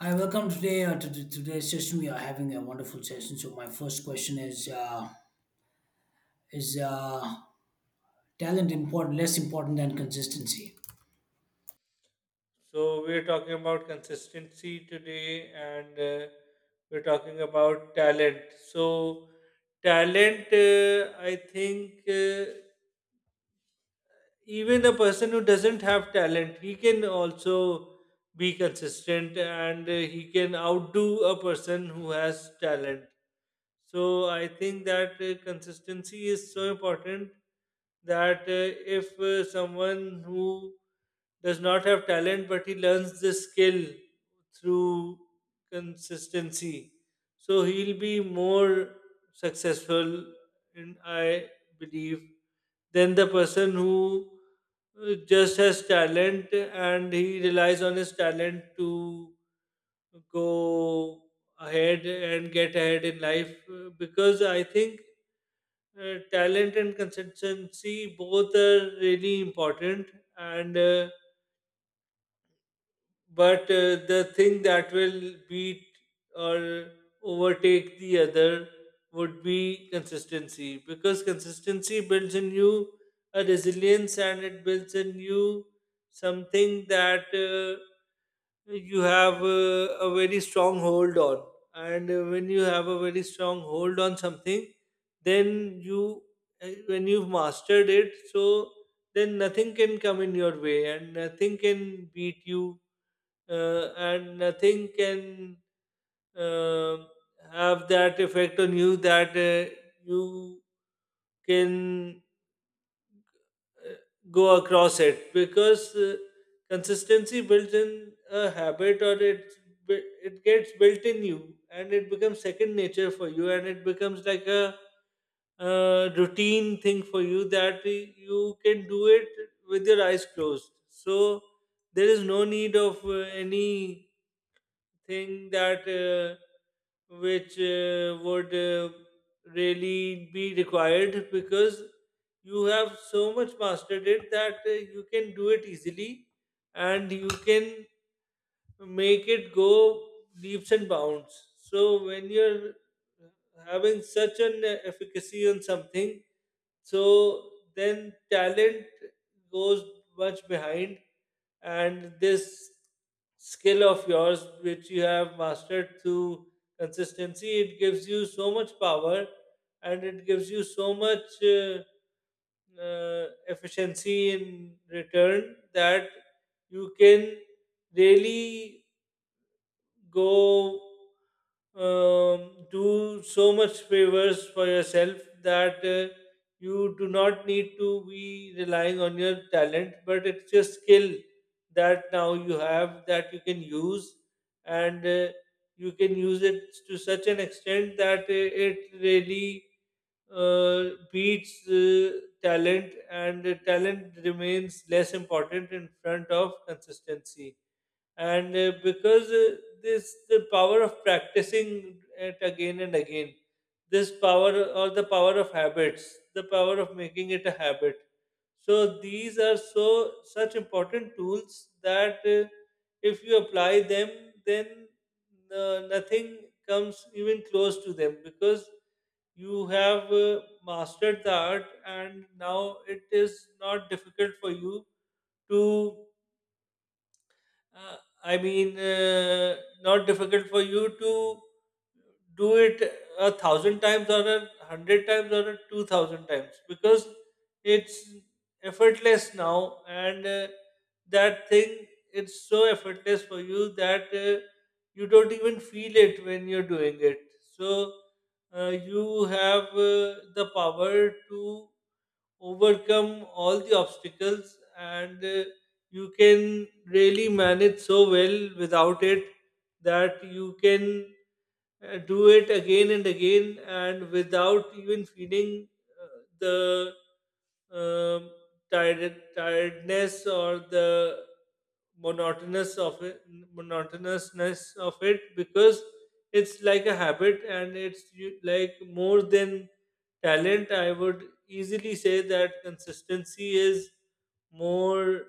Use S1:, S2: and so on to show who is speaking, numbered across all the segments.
S1: Hi, welcome today to today's session. We are having a wonderful session. So my first question is: Is uh, talent important less important than consistency?
S2: So we're talking about consistency today, and we're talking about talent. So talent, I think, even a person who doesn't have talent, he can also be consistent, and he can outdo a person who has talent. So I think that consistency is so important that if someone who does not have talent but he learns the skill through consistency, so he'll be more successful, and I believe, than the person who just has talent and he relies on his talent to go ahead and get ahead in life because I think talent and consistency both are really important and but the thing that will beat or overtake the other would be consistency because consistency builds in you a resilience and it builds in you something that you have a very strong hold on and when you have a very strong hold on something then you when you've mastered it, so then nothing can come in your way and nothing can beat you, and nothing can um have that effect on you that you can go across it because consistency builds in a habit, or it gets built in you and it becomes second nature for you and it becomes like a routine thing for you that you can do it with your eyes closed. So there is no need of any thing that which would really be required because you have so much mastered it that you can do it easily, and you can make it go leaps and bounds. So when you're having such an efficacy on something, so then talent goes much behind, and this skill of yours which you have mastered through consistency, it gives you so much power, and it gives you so much efficiency in return that you can really go do so much favors for yourself, that you do not need to be relying on your talent, but it's your skill that now you have that you can use, and you can use it to such an extent that it really uh, beats talent, and talent remains less important in front of consistency, and because this, the power of practicing it again and again, this power, or the power of habits, the power of making it a habit, so these are so such important tools that if you apply them, then nothing comes even close to them because you have mastered the art, and now it is not difficult for you to uh, I mean, uh, not difficult for you to do it 1,000 times or 100 times or a 2,000 times because it's effortless now, and that thing, it's so effortless for you that you don't even feel it when you're doing it. So you have the power to overcome all the obstacles, and you can really manage so well without it, that you can do it again and again and without even feeling the um, tired, tiredness, or the monotonous of it, monotonousness of it, because it's like a habit, and it's like more than talent. I would easily say that consistency is more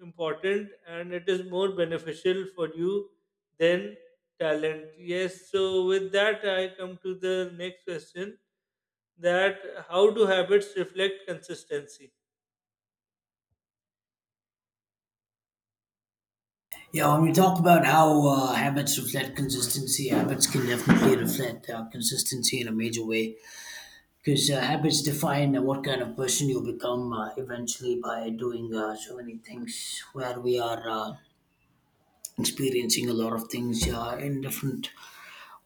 S2: important and it is more beneficial for you than talent. Yes, so with that, I come to the next question: that how do habits reflect consistency?
S1: Yeah, when we talk about how habits reflect consistency, habits can definitely reflect consistency in a major way because habits define what kind of person you become eventually by doing so many things. Where we are experiencing a lot of things in different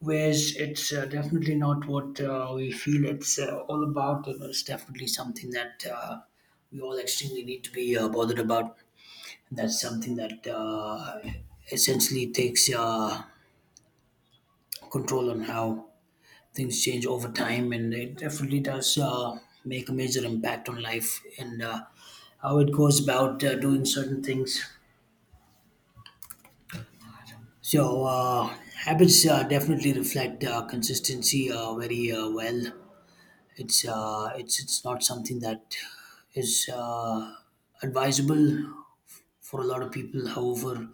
S1: whereas it's definitely not what we feel it's all about. You know, it's definitely something that we all extremely need to be bothered about. And that's something that essentially takes control on how things change over time, and it definitely does make a major impact on life and how it goes about doing certain things. So habits definitely reflect consistency very well. It's it's not something that is advisable for a lot of people. However,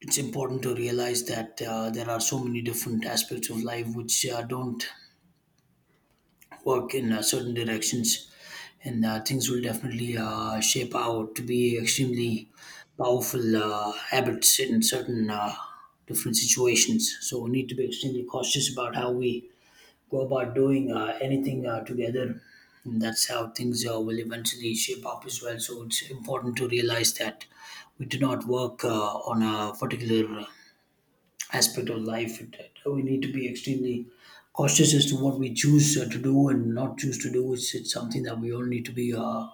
S1: it's important to realize that there are so many different aspects of life which don't work in certain directions, and things will definitely shape out to be extremely powerful habits in certain different situations. So we need to be extremely cautious about how we go about doing anything together. And that's how things will eventually shape up as well. So it's important to realize that we do not work on a particular aspect of life. We need to be extremely cautious as to what we choose to do and not choose to do. It's something that we all need to be uh,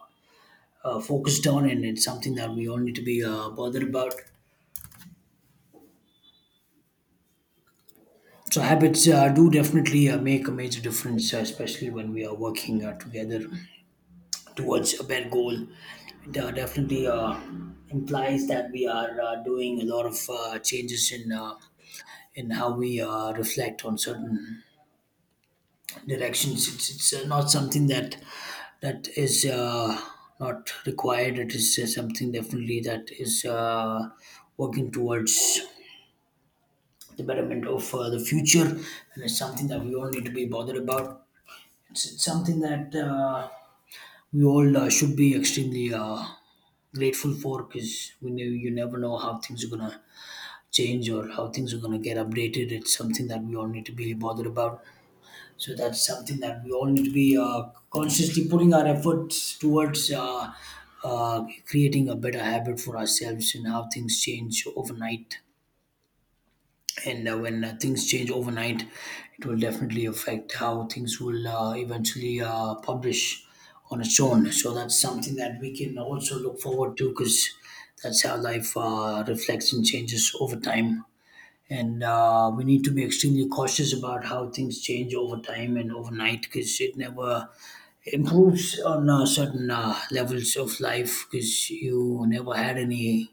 S1: uh, focused on, and it's something that we all need to be bothered about. So habits do definitely make a major difference, especially when we are working together towards a bad goal. It definitely implies that we are doing a lot of changes in how we reflect on certain directions. It's not something that is not required. It is something definitely that is working towards the betterment of the future, and it's something that we all need to be bothered about. It's something that. We all should be extremely grateful for because we know you never know how things are gonna change or how things are gonna get updated. It's something that we all need to be bothered about. So that's something that we all need to be consciously putting our efforts towards creating a better habit for ourselves and how things change overnight, and when things change overnight it will definitely affect how things will eventually publish on its own, so that's something that we can also look forward to because that's how life reflects and changes over time, and we need to be extremely cautious about how things change over time and overnight because it never improves on certain levels of life because you never had any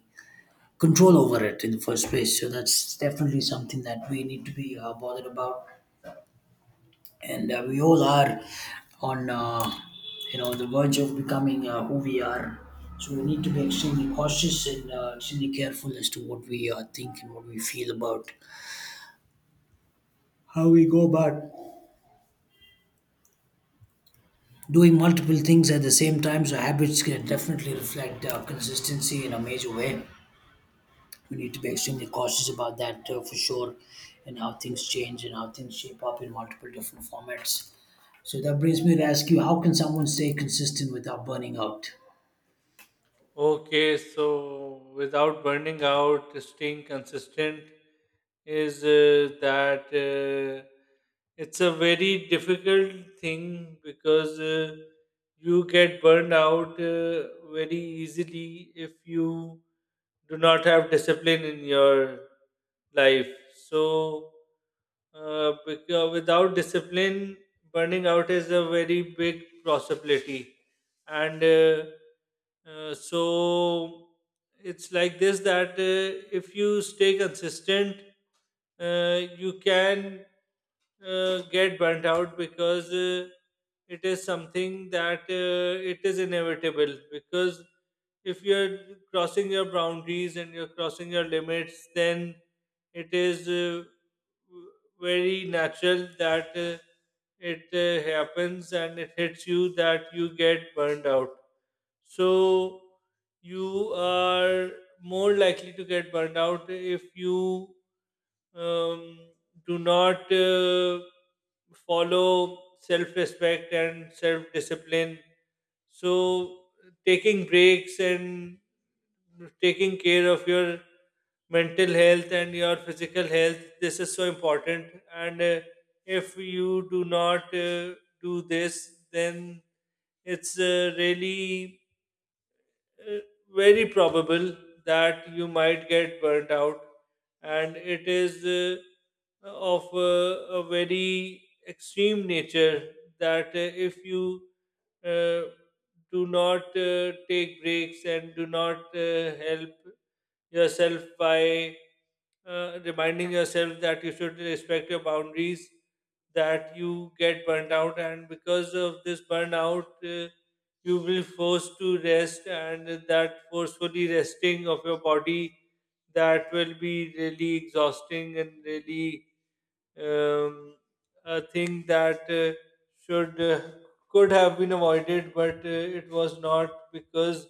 S1: control over it in the first place. So that's definitely something that we need to be bothered about, and we all are on you know, the verge of becoming who we are. So we need to be extremely cautious and extremely careful as to what we think and what we feel about how we go about doing multiple things at the same time. So habits can definitely reflect consistency in a major way. We need to be extremely cautious about that for sure, and how things change and how things shape up in multiple different formats. So that brings me to ask you: how can someone stay consistent without burning out?
S2: Okay, so without burning out, staying consistent is that it's a very difficult thing because you get burned out very easily if you do not have discipline in your life. So, because without discipline, burning out is a very big possibility, and so it's like this: that if you stay consistent, you can get burnt out because it is something that it is inevitable, because if you're crossing your boundaries and you're crossing your limits, then it is very natural that it happens and it hits you that you get burned out. So you are more likely to get burned out if you um, do not follow self respect and self discipline. So, taking breaks and taking care of your mental health and your physical health, this is so important. And if you do not do this, then it's really uh, very probable that you might get burnt out, and it is of a very extreme nature, that if you uh, do not take breaks and do not help yourself by reminding yourself that you should respect your boundaries, that you get burnt out, and because of this burnout, uh, you will forced to rest, and that forcefully resting of your body, that will be really exhausting and really um, a thing that should could have been avoided, but it was not because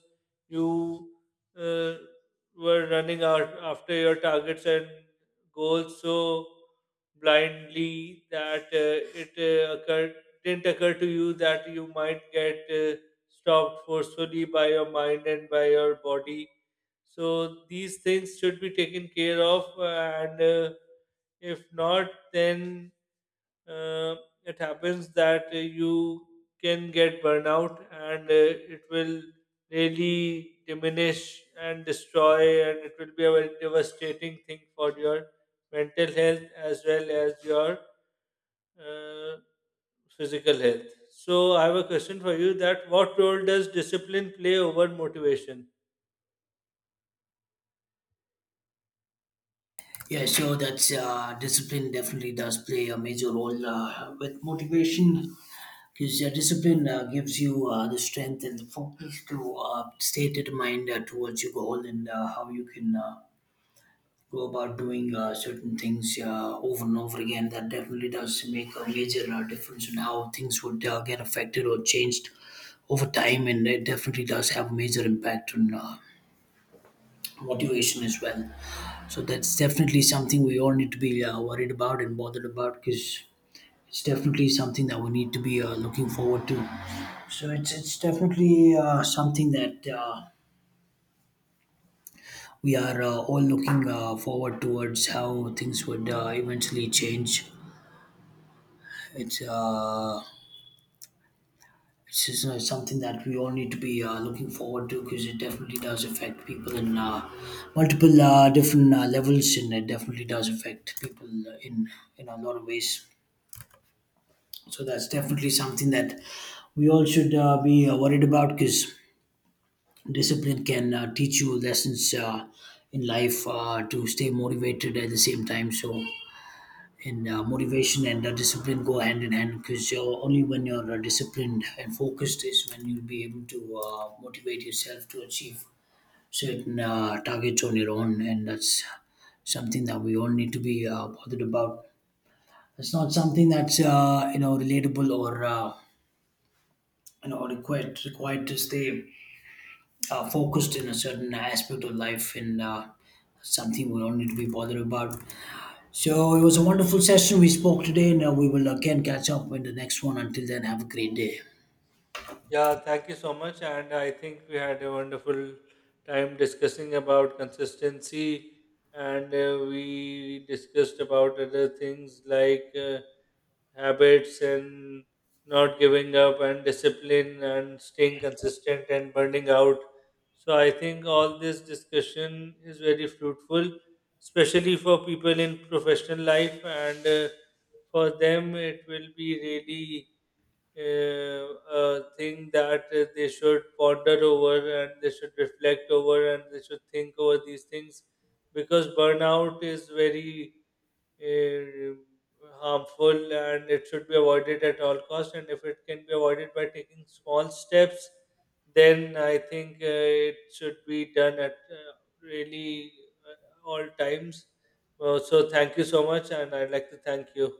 S2: you uh, were running out after your targets and goals so blindly that it occurred didn't occur to you that you might get stopped forcefully by your mind and by your body. So these things should be taken care of, and if not, then uh, it happens that you can get burnout, and it will really diminish and destroy, and it will be a very devastating thing for your mental health as well as your uh, physical health. So, I have a question for you: that what role does discipline play over motivation?
S1: Yeah, so that's discipline definitely does play a major role with motivation because discipline gives you the strength and the focus to stay determined towards your goal, and how you can go about doing certain things over and over again. That definitely does make a major difference in how things would get affected or changed over time, and it definitely does have a major impact on motivation as well. So that's definitely something we all need to be worried about and bothered about because it's definitely something that we need to be looking forward to. So it's definitely something that we are all looking forward towards how things would eventually change. It's uh, Something that we all need to be looking forward to because it definitely does affect people in multiple different levels, and it definitely does affect people in in a lot of ways. So that's definitely something that we all should be worried about because discipline can teach you lessons in life to stay motivated at the same time. So and motivation and discipline go hand in hand because only when you're disciplined and focused is when you'll be able to motivate yourself to achieve certain targets on your own, and that's something that we all need to be bothered about. It's not something that's you know, relatable or required to stay focused in a certain aspect of life, and something we all need to be bothered about. So it was a wonderful session we spoke today. Now we will again catch up in the next one. Until then, have a great day.
S2: Yeah, thank you so much. And I think we had a wonderful time discussing about consistency, and we discussed about other things like habits and not giving up, and discipline, and staying consistent, and burning out. So, I think all this discussion is very fruitful, especially for people in professional life, and for them, it will be really uh, a thing that they should ponder over and they should reflect over and they should think over these things, because burnout is very uh, harmful and it should be avoided at all costs. And if it can be avoided by taking small steps, then I think it should be done at really all times. So, thank you so much, and I'd like to thank you.